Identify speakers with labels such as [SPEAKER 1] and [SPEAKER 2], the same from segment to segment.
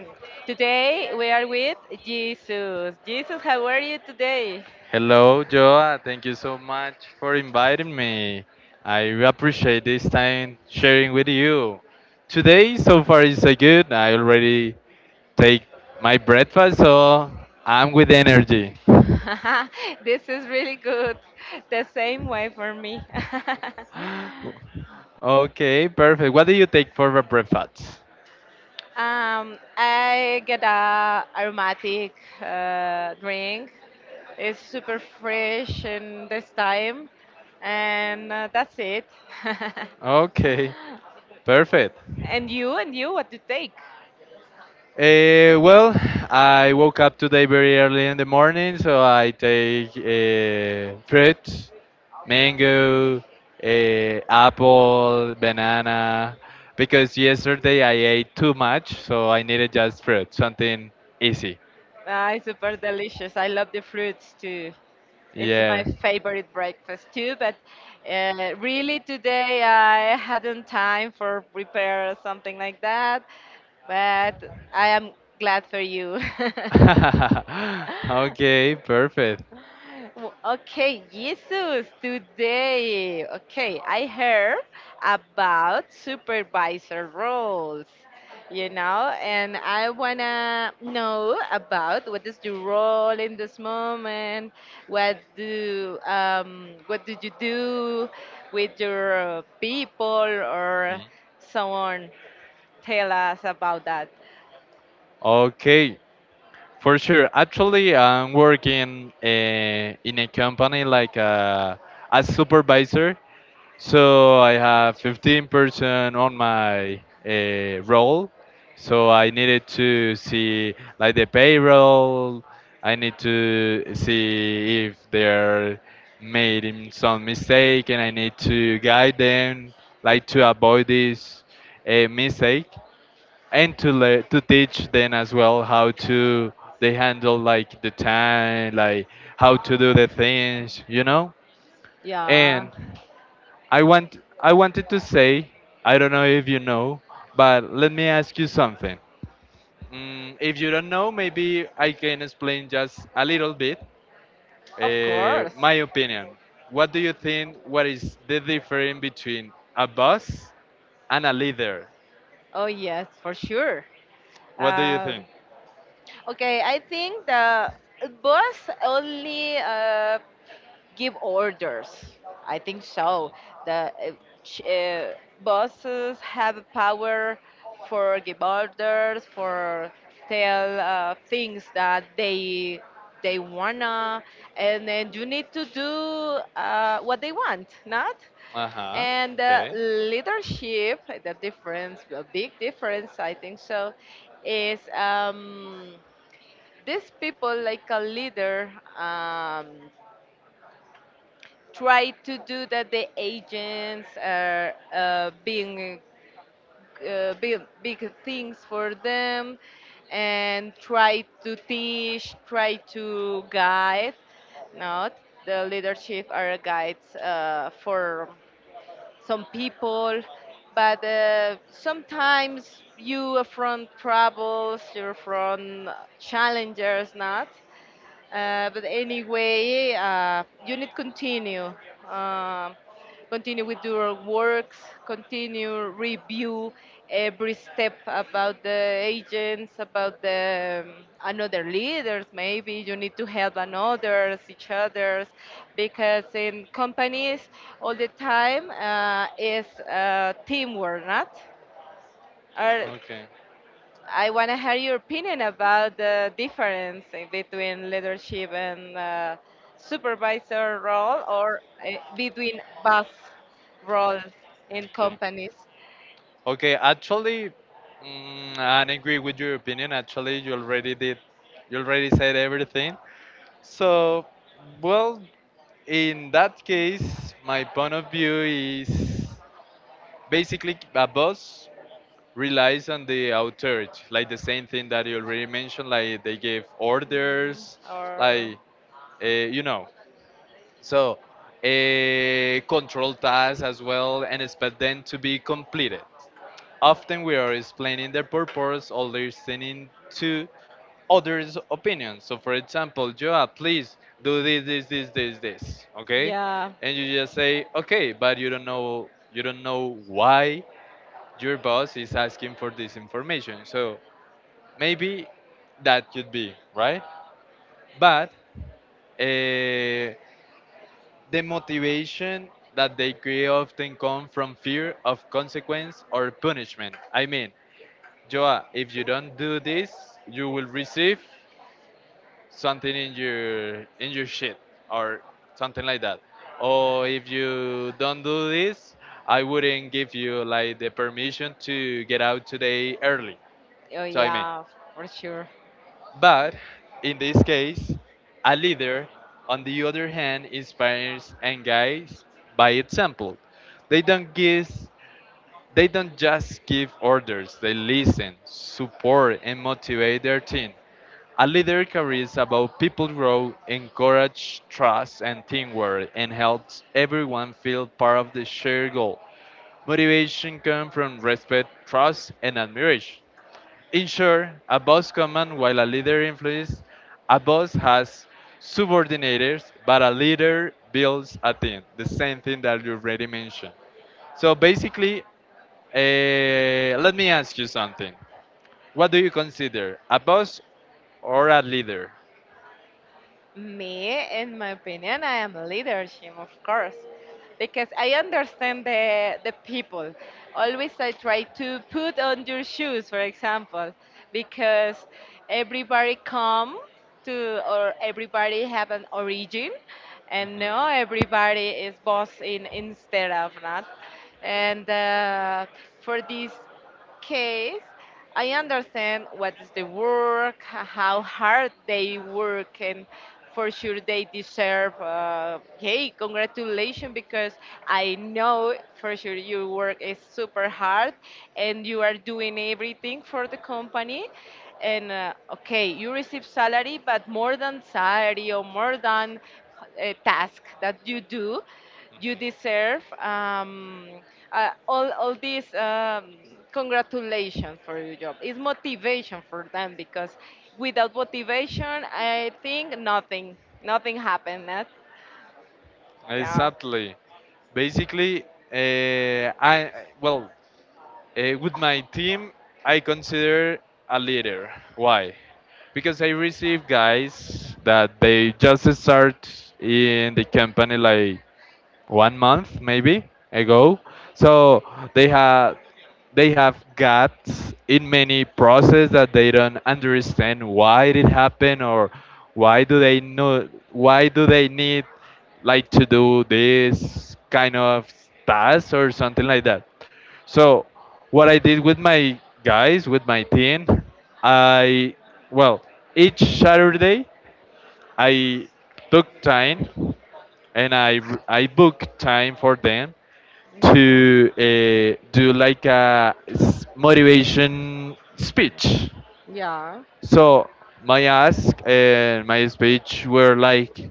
[SPEAKER 1] Today we are with Jesus. Jesus, how are you today?
[SPEAKER 2] Hello, Joa. Thank you so much for inviting me. I really appreciate this time sharing with you. Today, so far, is so good. I already take my breakfast, so I'm with energy.
[SPEAKER 1] This is really good. The same way for me.
[SPEAKER 2] Okay, perfect. What do you take for the breakfast?
[SPEAKER 1] I get a aromatic drink. It's super fresh in this time, and that's it.
[SPEAKER 2] Okay, perfect.
[SPEAKER 1] And you, what to take?
[SPEAKER 2] Well, I woke up today very early in the morning, so I take fruits, mango, apple, banana, because yesterday I ate too much, so I needed just fruit, something easy.
[SPEAKER 1] Ah, it's super delicious. I love the fruits too. It's my
[SPEAKER 2] Yeah.
[SPEAKER 1] favorite breakfast too. But really, today I hadn't time for prepare something like that. But I am glad for you.
[SPEAKER 2] Okay, perfect.
[SPEAKER 1] Well, okay, Jesus, today, okay, I heard about supervisor roles, you know, and I wanna know about what is your role in this moment, what do you do with your people or
[SPEAKER 2] Mhm.
[SPEAKER 1] so on? Tell us about that.
[SPEAKER 2] Okay, for sure. Actually, I'm working in a company like a supervisor. So I have 15 person on my roll. So I needed to see like the payroll. I need to see if they're making some mistake, and I need to guide them like to avoid this mistake, and to teach them as well how to they handle like the time, like how to do the things, you know,
[SPEAKER 1] Yeah.
[SPEAKER 2] and I wanted to say, I don't know if you know, but let me ask you something. Mm, if you don't know, maybe I can explain just a little bit
[SPEAKER 1] Of course.
[SPEAKER 2] my opinion. What do you think? What is the difference between a boss and a leader?
[SPEAKER 1] Oh yes, for sure.
[SPEAKER 2] What do you
[SPEAKER 1] Um,
[SPEAKER 2] think?
[SPEAKER 1] okay, I think the bus only. Give orders. I think so. The ch- uh, bosses have power for give orders, for tell things that they wanna, and then you need to do what they want, not.
[SPEAKER 2] Uh huh.
[SPEAKER 1] And
[SPEAKER 2] Okay.
[SPEAKER 1] leadership, the difference, a big difference, I think so, is these people like a leader. Um, try to do that the agents are being big, big things for them and try to teach try to guide not the leadership are guides for some people but sometimes you are from troubles you're from challenges not but anyway, you need continue. Um, continue with your works, continue review every step about the agents, about the another leaders. Maybe you need to help another's, each others, because in companies all the time is teamwork, not? Are
[SPEAKER 2] Okay.
[SPEAKER 1] I want to hear your opinion about the difference in between leadership and supervisor role or between both roles in
[SPEAKER 2] Okay.
[SPEAKER 1] companies.
[SPEAKER 2] Okay, actually, mm, I agree with your opinion. Actually, you already said everything. So, well, in that case, my point of view is basically a boss relies on the authority, like the same thing that you already mentioned, like they give
[SPEAKER 1] Mm,
[SPEAKER 2] orders,
[SPEAKER 1] or
[SPEAKER 2] like you know. So, control tasks as well and expect them to be completed. Often we are explaining their purpose or listening to others' opinions. So, for example, Joa, please do this, this, this, this, this. Okay,
[SPEAKER 1] yeah.
[SPEAKER 2] and you just say, okay, but you don't know why your boss is asking for this information. So maybe that could be right, but uh, the motivation that they create often come from fear of consequence or punishment. I mean, Joa, if you don't do this, you will receive something in your shit or something like that. Or if you don't do this, I wouldn't give you like the permission to get out today early.
[SPEAKER 1] Oh
[SPEAKER 2] So I mean,
[SPEAKER 1] yeah, for sure.
[SPEAKER 2] but in this case, a leader, on the other hand, inspires and guides by example. They don't give They don't just give orders, they listen, support, and motivate their team. A leader career is about people grow, encourage trust and teamwork, and helps everyone feel part of the shared goal. Motivation comes from respect, trust, and admiration. In short, a boss commands while a leader influences. A boss has subordinators, but a leader builds a team. The same thing that you already mentioned. So basically, eh, let me ask you something. What do you consider a boss or a leader?
[SPEAKER 1] Me, in my opinion, I am leadership, of course, because I understand the people. Always I try to put on your shoes, for example, because everybody come to or everybody have an origin, and no everybody is boss in instead of not. And for this case, I understand what is the work, how hard they work, and
[SPEAKER 2] Mhm.
[SPEAKER 1] for sure they deserve, hey, congratulations, because I know for sure your work is super hard and you are doing everything for the company. And okay, you receive salary, but more than salary or more than a task that you do you deserve all these congratulations for your job. It's motivation for them because without motivation, I think nothing, nothing happened. Eh? Yeah.
[SPEAKER 2] Exactly. Basically, I well with my team, I consider a leader. Why? Because I receive guys that they just start in the company like 1 month maybe ago. So they have they have gaps in many process that they don't understand why it happened or why do they need like to do this kind of task or something like that. So what I did with my guys, with my team, I well each Saturday I took time and I booked time for them to
[SPEAKER 1] Hmm.
[SPEAKER 2] do like a motivation speech.
[SPEAKER 1] Yeah.
[SPEAKER 2] So my ask and my speech were like,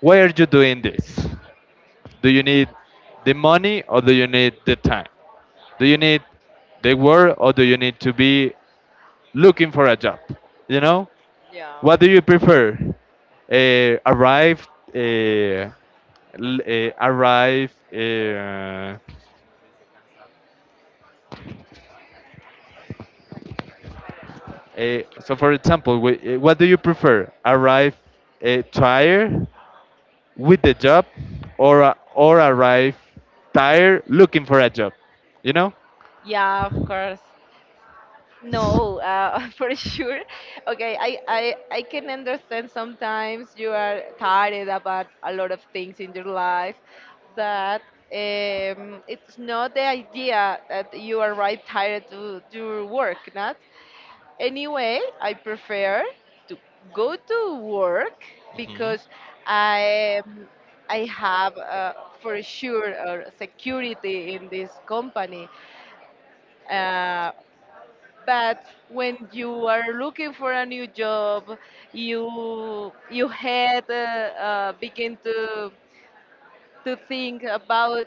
[SPEAKER 2] "Why are you doing this? Do you need the money or do you need the time? Do you need the work or do you need to be looking for a job? You know?
[SPEAKER 1] Yeah.
[SPEAKER 2] What do you prefer? Arrive, uh, l- arrive. Uh, so, for example, what do you prefer? Arrive tired with the job, or arrive tired looking for a job? You know?
[SPEAKER 1] Yeah, of course. No, for sure. Okay, I I can understand sometimes you are tired about a lot of things in your life, but it's not the idea that you arrive tired to do work, not? Anyway, I prefer to go to work
[SPEAKER 2] Mhm.
[SPEAKER 1] because I um, I have for sure security in this company. Uh, but when you are looking for a new job you had begin to think about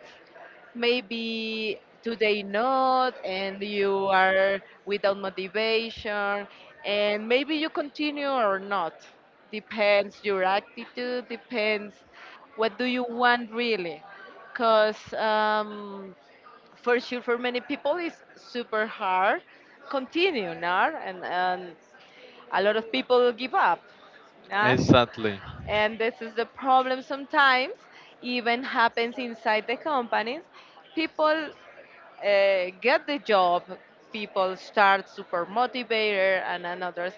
[SPEAKER 1] maybe today not and you are without motivation and maybe you continue or not depends your attitude depends what do you want really because for sure for many people it's super hard continue now and a lot of people give up not
[SPEAKER 2] Exactly.
[SPEAKER 1] and this is the problem sometimes even happens inside the companies people get the job, people start super motivated and others,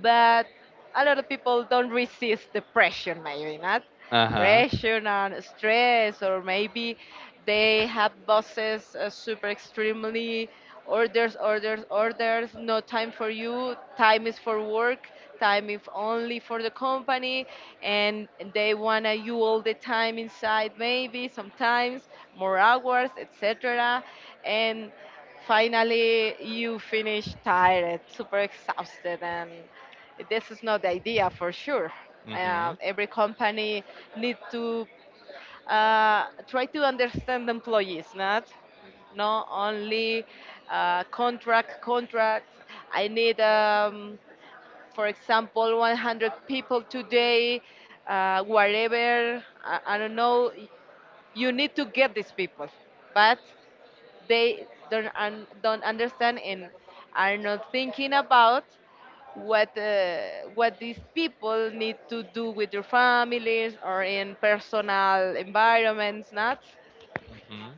[SPEAKER 1] but a lot of people don't resist depression. Maybe not
[SPEAKER 2] Uh huh.
[SPEAKER 1] pressure and stress, or maybe they have bosses super extremely orders, orders, orders, no time for you, time is for work time if only for the company and they wanna you all the time inside maybe sometimes more hours etc and finally you finish tired super exhausted and this is not the idea for sure every company need to try to understand employees not not only contracts I need for example, 100 people today, wherever, I don't know, you need to get these people, but they don't, don't understand and are not thinking about what uh, what these people need to do with their families or in personal environments, not?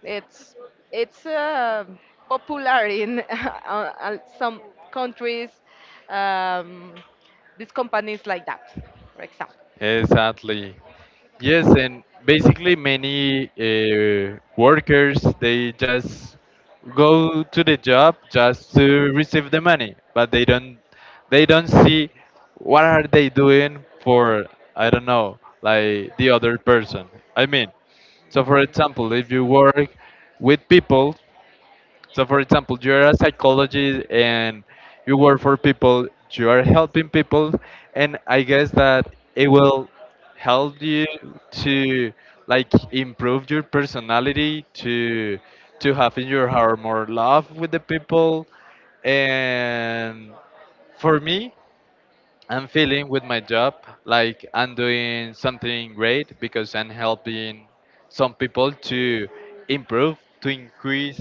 [SPEAKER 1] It's it's popular in some countries. Um, these companies like that, for example.
[SPEAKER 2] Scary. Exactly. Yes, and basically many workers they just go to the job just to receive the money, but they don't see what are they doing for, I don't know, like the other person. I mean, so for example, if you work with people, so, for example, you're a psychologist and you work for people, you are helping people, and I guess that it will help you to like improve your personality to have in your heart more love with the people, and for me I'm feeling with my job like I'm doing something great because I'm helping some people to improve, to increase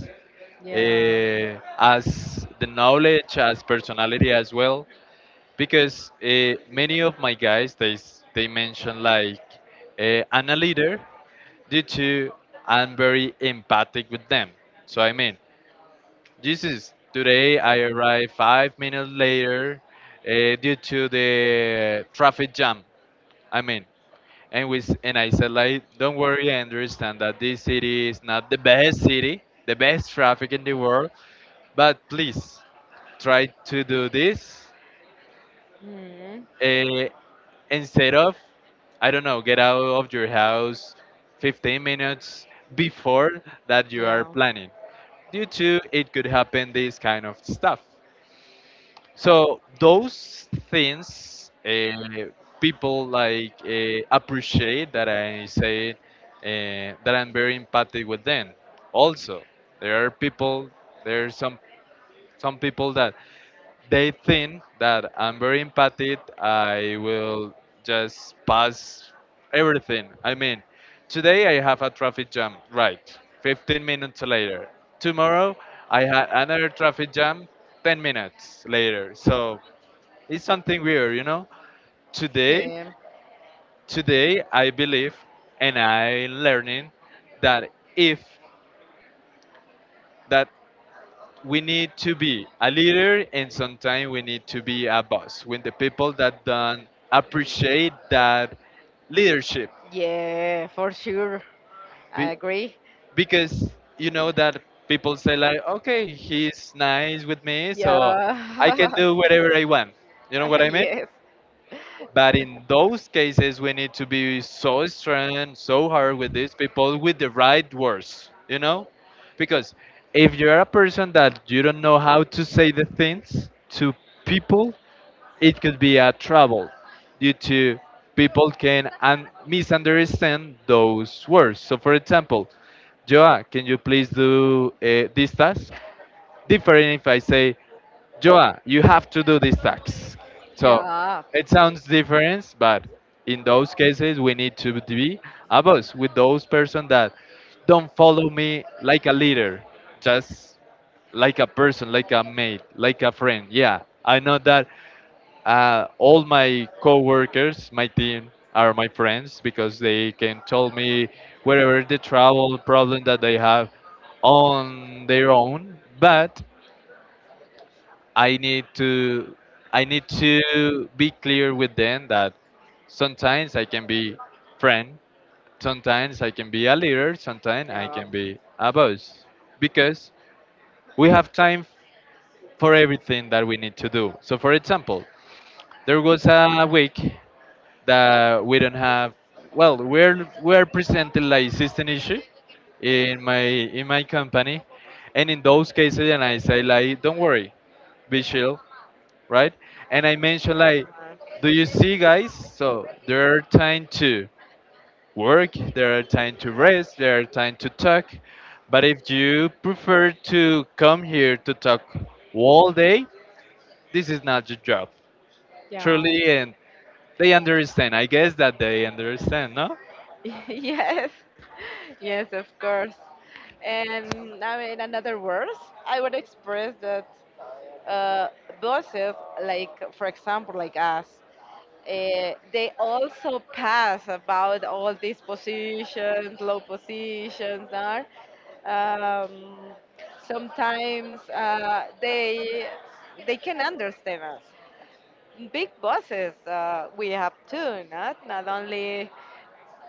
[SPEAKER 1] Yeah.
[SPEAKER 2] as the knowledge, as personality as well. Because many of my guys, they mention like I'm a leader due to I'm very empathic with them. So I mean, Jesus, today I arrived 5 minutes later due to the traffic jam. I mean, and I said like, don't worry, I understand that this city is not the best city, the best traffic in the world, but please try to do this
[SPEAKER 1] Mm.
[SPEAKER 2] uh, instead of, I don't know, get out of your house 15 minutes before that you are
[SPEAKER 1] Yeah.
[SPEAKER 2] planning. Due to it could happen this kind of stuff. So those things, people like appreciate that I say that I'm very empathic with them. Also, there are people, there are some people that they think that I'm very empathic. I will just pass everything. I mean, today I have a traffic jam. Right, 15 minutes later. Tomorrow I had another traffic jam. 10 minutes later. So it's something weird, you know. Today,
[SPEAKER 1] Okay.
[SPEAKER 2] today I believe and I learning that if that we need to be a leader, and sometimes we need to be a boss when the people that don't appreciate that leadership.
[SPEAKER 1] Yeah, for sure. I
[SPEAKER 2] Be-
[SPEAKER 1] agree.
[SPEAKER 2] because you know that people say like, okay, he's nice with me, so I
[SPEAKER 1] Yeah.
[SPEAKER 2] can do whatever I want, you know what I mean.
[SPEAKER 1] yes.
[SPEAKER 2] But in those cases, we need to be so strong, so hard with these people with the right words, you know? Because if you're a person that you don't know how to say the things to people, it could be a trouble due to people can misunderstand those words. So, for example, Joa, can you please do this task? Different if I say, Joa, you have to do this tax. So
[SPEAKER 1] Yeah.
[SPEAKER 2] it sounds different, but in those cases, we need to be above with those person that don't follow me like a leader, just like a person, like a mate, like a friend. Yeah, I know that all my coworkers, my team, are my friends because they can tell me whatever the travel problem that they have on their own. But I need to I need to be clear with them that sometimes I can be friend, sometimes I can be a leader, sometimes I
[SPEAKER 1] Yeah.
[SPEAKER 2] can be a boss because we have time for everything that we need to do. So for example, there was a week that we don't have, well, we're presenting like system issue in my company, and in those cases and I say like, don't worry, be chill, right? And I mentioned like,
[SPEAKER 1] Yeah.
[SPEAKER 2] do you see, guys? So there are time to work, there are time to rest, there are time to talk. But if you prefer to come here to talk all day, this is not your job,
[SPEAKER 1] Yeah.
[SPEAKER 2] truly. And they understand. I guess that they understand, no?
[SPEAKER 1] Yes, yes, of course. And now, in another words, I would express that uh, bosses, like for example, like us, they also pass about all these positions, low positions, are um, sometimes they can understand us big bosses we have too, not not only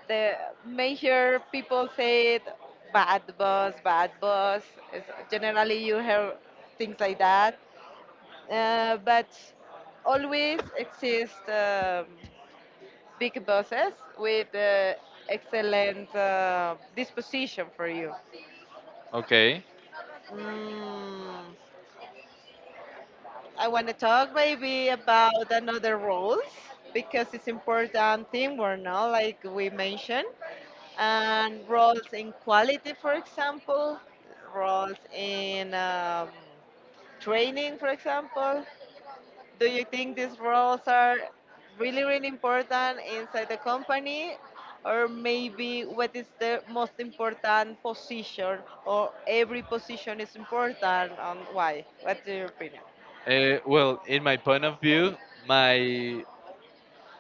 [SPEAKER 1] the major people say it, bad boss, bad boss. It's, generally, you hear things like that, but always exist big bosses with excellent disposition for you.
[SPEAKER 2] Okay.
[SPEAKER 1] Mm. I want to talk maybe about another roles because it's important teamwork, no? Like we mentioned, and roles in quality, for example, roles in training, for example. Do you think these roles are really, really important inside the company? Or maybe what is the most important position, or every position is important, and why? What's your opinion?
[SPEAKER 2] Well, in my point of view, my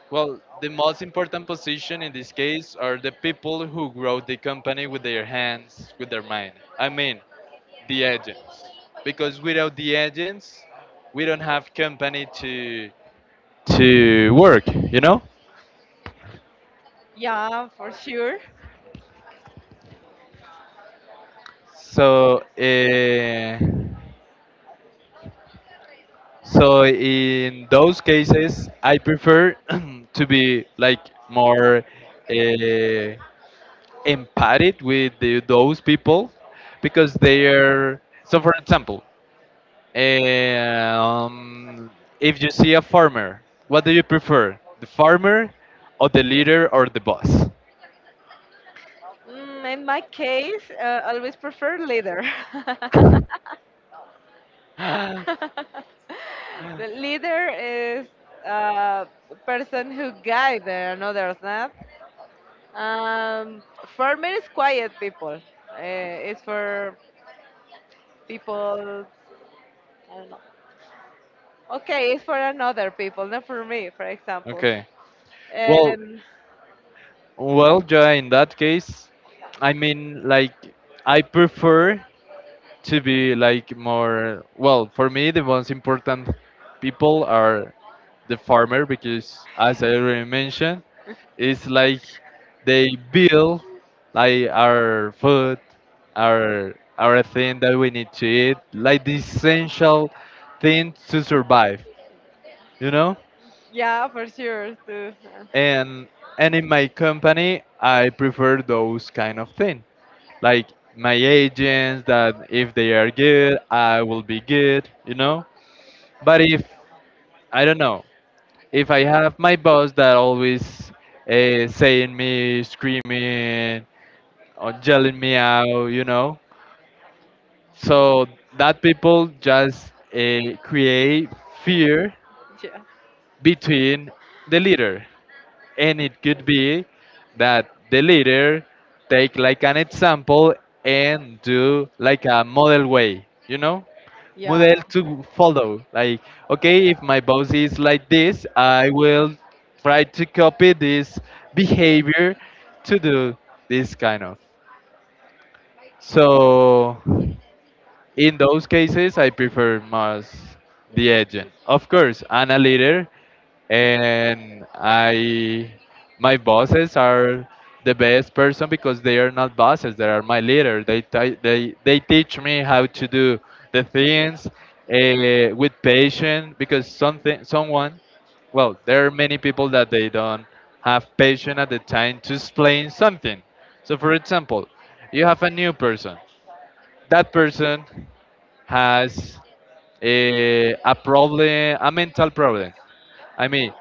[SPEAKER 2] well, the most important position in this case are the people who grow the company with their hands, with their mind. I mean, the agents. Because without the agents, we don't have company to work, you know?
[SPEAKER 1] Yeah, for sure.
[SPEAKER 2] So, so in those cases, I prefer to be like more uh, empathic with those people because they are. So, for example, um, if you see a farmer, what do you prefer, the farmer, or the leader, or the boss?
[SPEAKER 1] Mm, in my case, always prefer leader. the leader is uh, a person who guides another not. Um, for me, it's quiet people. It's for people. I don't know. Okay, it's for another people, not for me. For example,
[SPEAKER 2] Okay. Well,
[SPEAKER 1] um,
[SPEAKER 2] well, Joy. In that case, I mean, like, I prefer to be like more, well, for me the most important people are the farmer because as I already mentioned it's like they build like our food, our thing that we need to eat, like the essential thing to survive, you know.
[SPEAKER 1] yeah, for sure too.
[SPEAKER 2] and and in my company I prefer those kind of thing, like my agents, that if they are good I will be good, you know. But if, I don't know, if I have my boss that always saying me, screaming, or yelling me out, you know, so that people just create fear
[SPEAKER 1] Yeah,
[SPEAKER 2] between the leader, and it could be that the leader take like an example and do like a model way, you know.
[SPEAKER 1] yeah.
[SPEAKER 2] Model to follow. Like, okay, if my boss is like this, I will try to copy this behavior to do this kind of. So, in those cases, I prefer Mars the agent. Of course, I'm a leader, and I my bosses are the best person because they are not bosses; they are my leader. They teach me how to do the things with patience because something someone there are many people that they don't have patience at the time to explain something. So, for example, you have a new person. That person has a problem, a mental problem. I mean,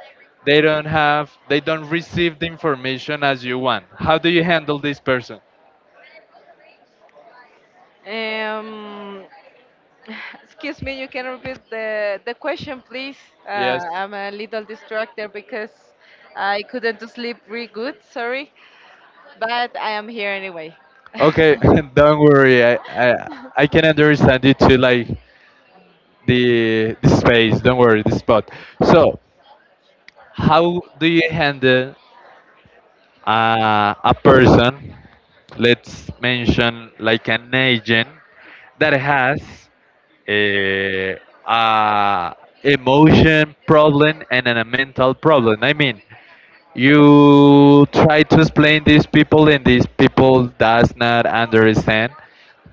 [SPEAKER 2] they don't receive the information as you want. How do you handle this person?
[SPEAKER 1] Yeah. Excuse me, you can repeat the question, please.
[SPEAKER 2] Yes.
[SPEAKER 1] I'm a little distracted because I couldn't sleep really good, sorry, but I am here anyway.
[SPEAKER 2] Okay, don't worry. I can understand you to like the space. Don't worry, the spot. So, how do you handle a person, let's mention like an agent that has a, a emotion problem and a mental problem. I mean, you try to explain these people and these people does not understand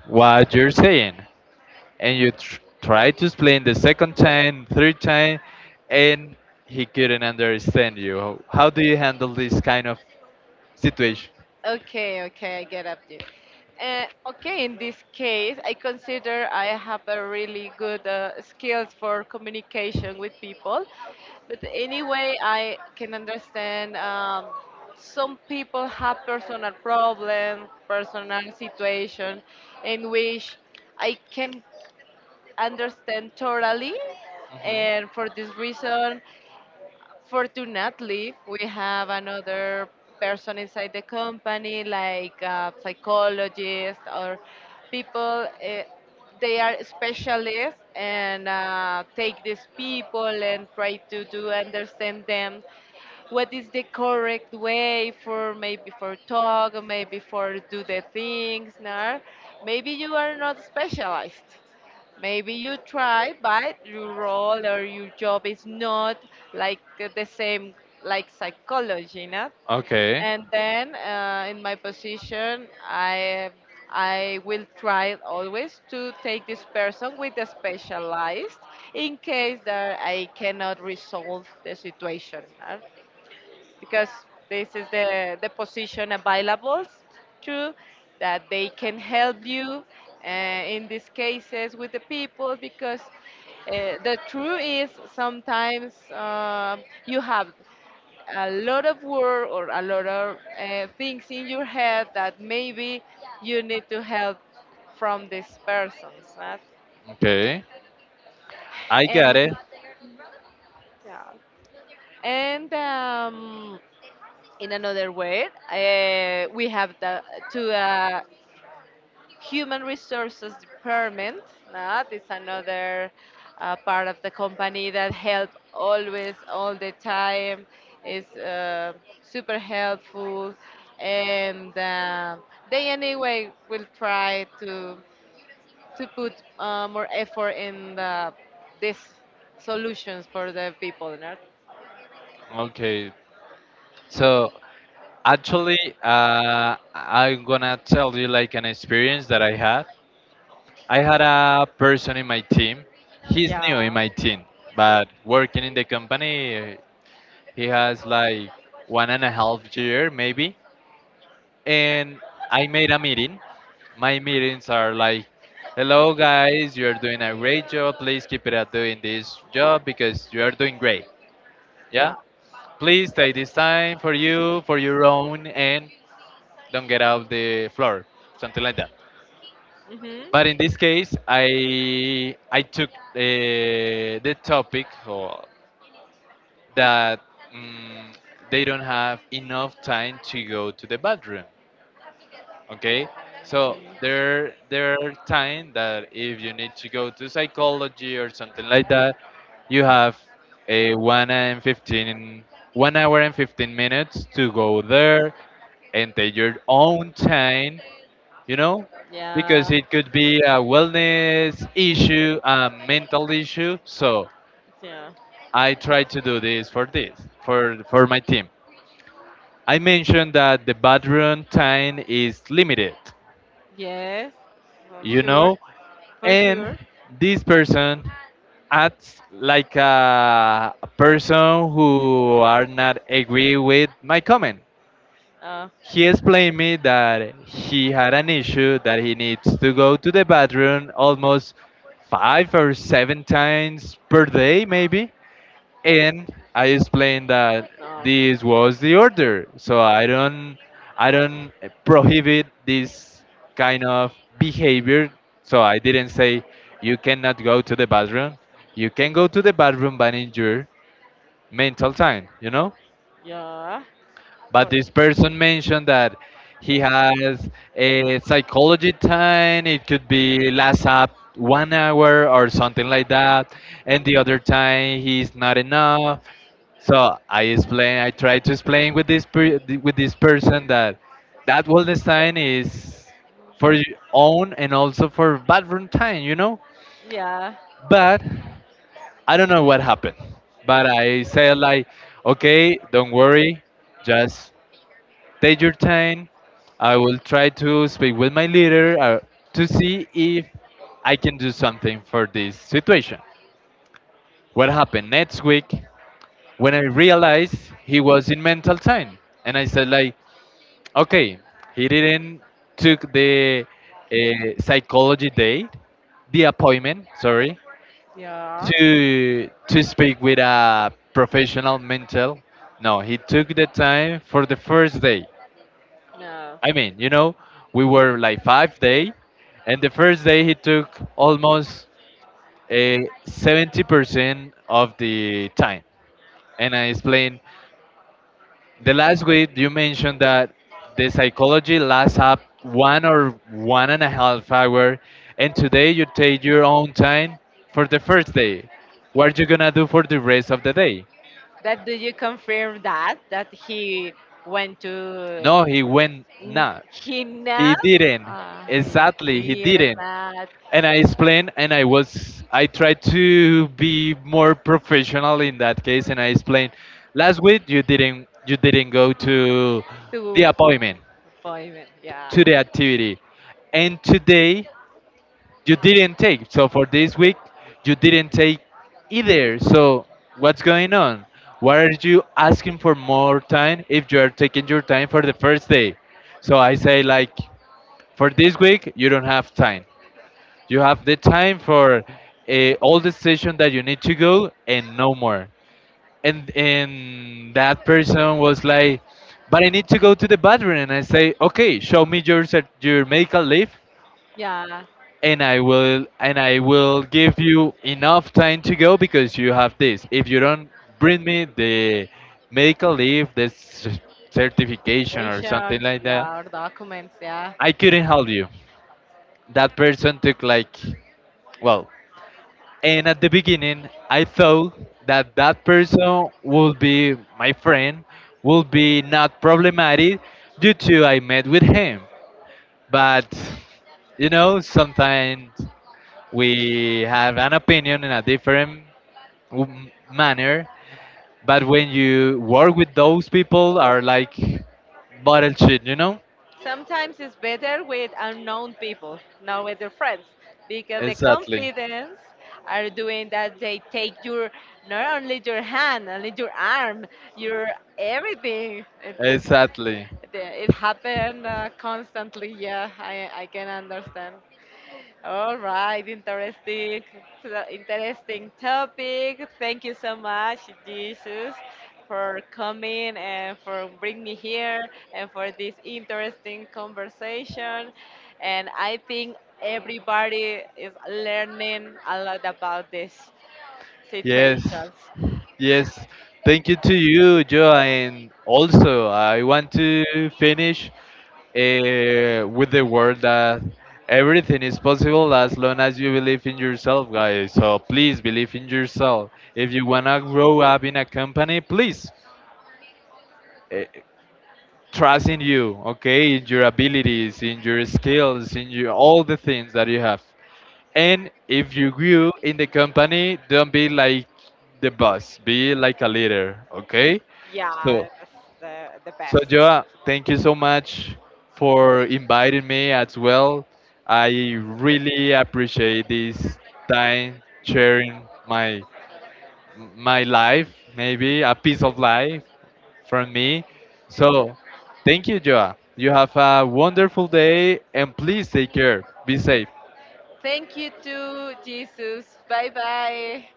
[SPEAKER 2] what you're saying and you
[SPEAKER 1] No.
[SPEAKER 2] try to explain the second time third time and he couldn't understand you. How do you handle this kind of situation?
[SPEAKER 1] Okay, okay, I get up to you. Uh, okay, in this case, I consider I have a really good skills for communication with people. But anyway, I can understand some people have personal problems, personal situation in which I can understand totally.
[SPEAKER 2] Mm-hmm.
[SPEAKER 1] And for this reason, fortunately, we have another person inside the company, like a psychologist or people. They are specialists and take these people and try to do understand them. What is the correct way for maybe for talk, maybe for do the things? No? Maybe you are not specialized maybe you try, but your role or your job is not like the same, like psychology, not?
[SPEAKER 2] Okay.
[SPEAKER 1] And then in my position, I will try always to take this person with the specialized in case that I cannot resolve the situation. No? Because this is the position available to that they can help you in these cases with the people because the truth is sometimes you have a lot of work or a lot of things in your head that maybe you need to help from these persons. Right?
[SPEAKER 2] Okay. I got
[SPEAKER 1] And,
[SPEAKER 2] it.
[SPEAKER 1] yeah. And in another way, we have the to human resources department. This another part of the company that help always all the time is super helpful, and they anyway will try to put more effort in the these solutions for the people. No?
[SPEAKER 2] Okay. So actually, I'm gonna tell you like an experience that I had. I had a person in my team. He's new
[SPEAKER 1] Yeah,
[SPEAKER 2] in my team, but working in the company, he has like one and a half year maybe. And I made a meeting. My meetings are like, "Hello guys, you are doing a great job. Please keep it at doing this job because you are doing great." Yeah.
[SPEAKER 1] yeah.
[SPEAKER 2] Please take this time for you, for your own, and don't get out the floor, something like that.
[SPEAKER 1] Hmm.
[SPEAKER 2] But in this case, I took the topic or that mm they don't have enough time to go to the bathroom. Okay, so there are time that if you need to go to psychology or something like that, you have a one and fifteen 1 hour and 15 minutes to go there and take your own time, you know, because
[SPEAKER 1] Yeah.
[SPEAKER 2] it could be a wellness issue, a mental issue. So
[SPEAKER 1] Yeah.
[SPEAKER 2] I try to do this for my team. I mentioned that the bathroom time is limited,
[SPEAKER 1] Yes. For
[SPEAKER 2] you
[SPEAKER 1] sure.
[SPEAKER 2] know,
[SPEAKER 1] For
[SPEAKER 2] and
[SPEAKER 1] sure.
[SPEAKER 2] this person acts like a person who are not agree with my comment.
[SPEAKER 1] Uh,
[SPEAKER 2] He explained me that he had an issue that he needs to go to the bathroom almost five or seven times per day maybe. And I explained that
[SPEAKER 1] no.
[SPEAKER 2] this was the order, so I don't prohibit this kind of behavior. So I didn't say you cannot go to the bathroom. You can go to the bathroom, but in your mental time, you know.
[SPEAKER 1] Yeah.
[SPEAKER 2] But
[SPEAKER 1] For
[SPEAKER 2] this person mentioned that he has a psychology time. It could be last up 1 hour or something like that, and the
[SPEAKER 1] sure.
[SPEAKER 2] other time he's not enough. So I explain. I try to explain with this per, with this person that wellness time is for your own and also for bathroom time, you know.
[SPEAKER 1] Yeah.
[SPEAKER 2] But I don't know what happened. But I said like, okay, don't worry, just take your time. I will try to speak with my leader to see if I can do something for this situation. What happened next week when I realized he was in mental time, and I said like, okay, he didn't took the uh, psychology day, the appointment, sorry,
[SPEAKER 1] Yeah.
[SPEAKER 2] to speak with a professional mental. No, he took the time for the first day.
[SPEAKER 1] No.
[SPEAKER 2] I mean, you know, we were like 5 day, and the first day he took almost a 70% of the time. And I explained the last week you mentioned that the psychology lasts up one or one and a half hour, and today you take your own time for the first day. What are you gonna do for the rest of the day?
[SPEAKER 1] But do you confirm that he went to
[SPEAKER 2] No, he went not.
[SPEAKER 1] he
[SPEAKER 2] He
[SPEAKER 1] not
[SPEAKER 2] didn't.
[SPEAKER 1] uh,
[SPEAKER 2] Exactly, he
[SPEAKER 1] he didn't
[SPEAKER 2] didn't.
[SPEAKER 1] not
[SPEAKER 2] And I explained, and I tried to be more professional in that case, and I explained, last week you didn't go to the
[SPEAKER 1] to
[SPEAKER 2] appointment,
[SPEAKER 1] appointment? Yeah,
[SPEAKER 2] to the activity, and today you didn't take. So for this week, you didn't take either. So what's going on? Why are you asking for more time if you are taking your time for the first day? So I say like, for this week you don't have time. You have the time for all the station that you need to go and no more. And that person was like, but I need to go to the bathroom. And I say, okay, show me your your medical leave,
[SPEAKER 1] yeah.
[SPEAKER 2] and I will give you enough time to go because you have this. If you don't bring me the medical leave, the certification or something
[SPEAKER 1] Patients.
[SPEAKER 2] like that,
[SPEAKER 1] Yeah. Or documents. Yeah.
[SPEAKER 2] I couldn't help you. That person took like, well, and at the beginning, I thought that that person would be my friend, would be not problematic due to I met with him. But you know, sometimes we have an opinion in a different manner. But when you work with those people, are like bottle shit, you know?
[SPEAKER 1] Sometimes it's better with unknown people, not with your friends, because the
[SPEAKER 2] Exactly,
[SPEAKER 1] confidence are doing that they take your not only your hand, only your arm, your everything. It, it,
[SPEAKER 2] exactly.
[SPEAKER 1] it happened constantly. Yeah, I can understand. All right, interesting, interesting topic. Thank you so much, Jesus, for coming and for bringing me here and for this interesting conversation. And I think everybody is learning a lot about these
[SPEAKER 2] Yes.
[SPEAKER 1] situations.
[SPEAKER 2] Yes, thank you to you, Joe. And also, I want to finish with the word that everything is possible as long as you believe in yourself, guys. So please believe in yourself. If you want to grow up in a company, please uh, trust in you, okay? In your abilities, in your skills, in your, all the things that you have. And if you grew in the company, don't be like the boss, be like a leader, okay? So,
[SPEAKER 1] Yeah, that's the
[SPEAKER 2] so
[SPEAKER 1] best.
[SPEAKER 2] Joa, thank you so much for inviting me as well. I really appreciate this time sharing my my life, maybe a piece of life from me. So, thank you, Joa. You have a wonderful day and please take care. Be safe.
[SPEAKER 1] Thank you to Jesus. Bye bye.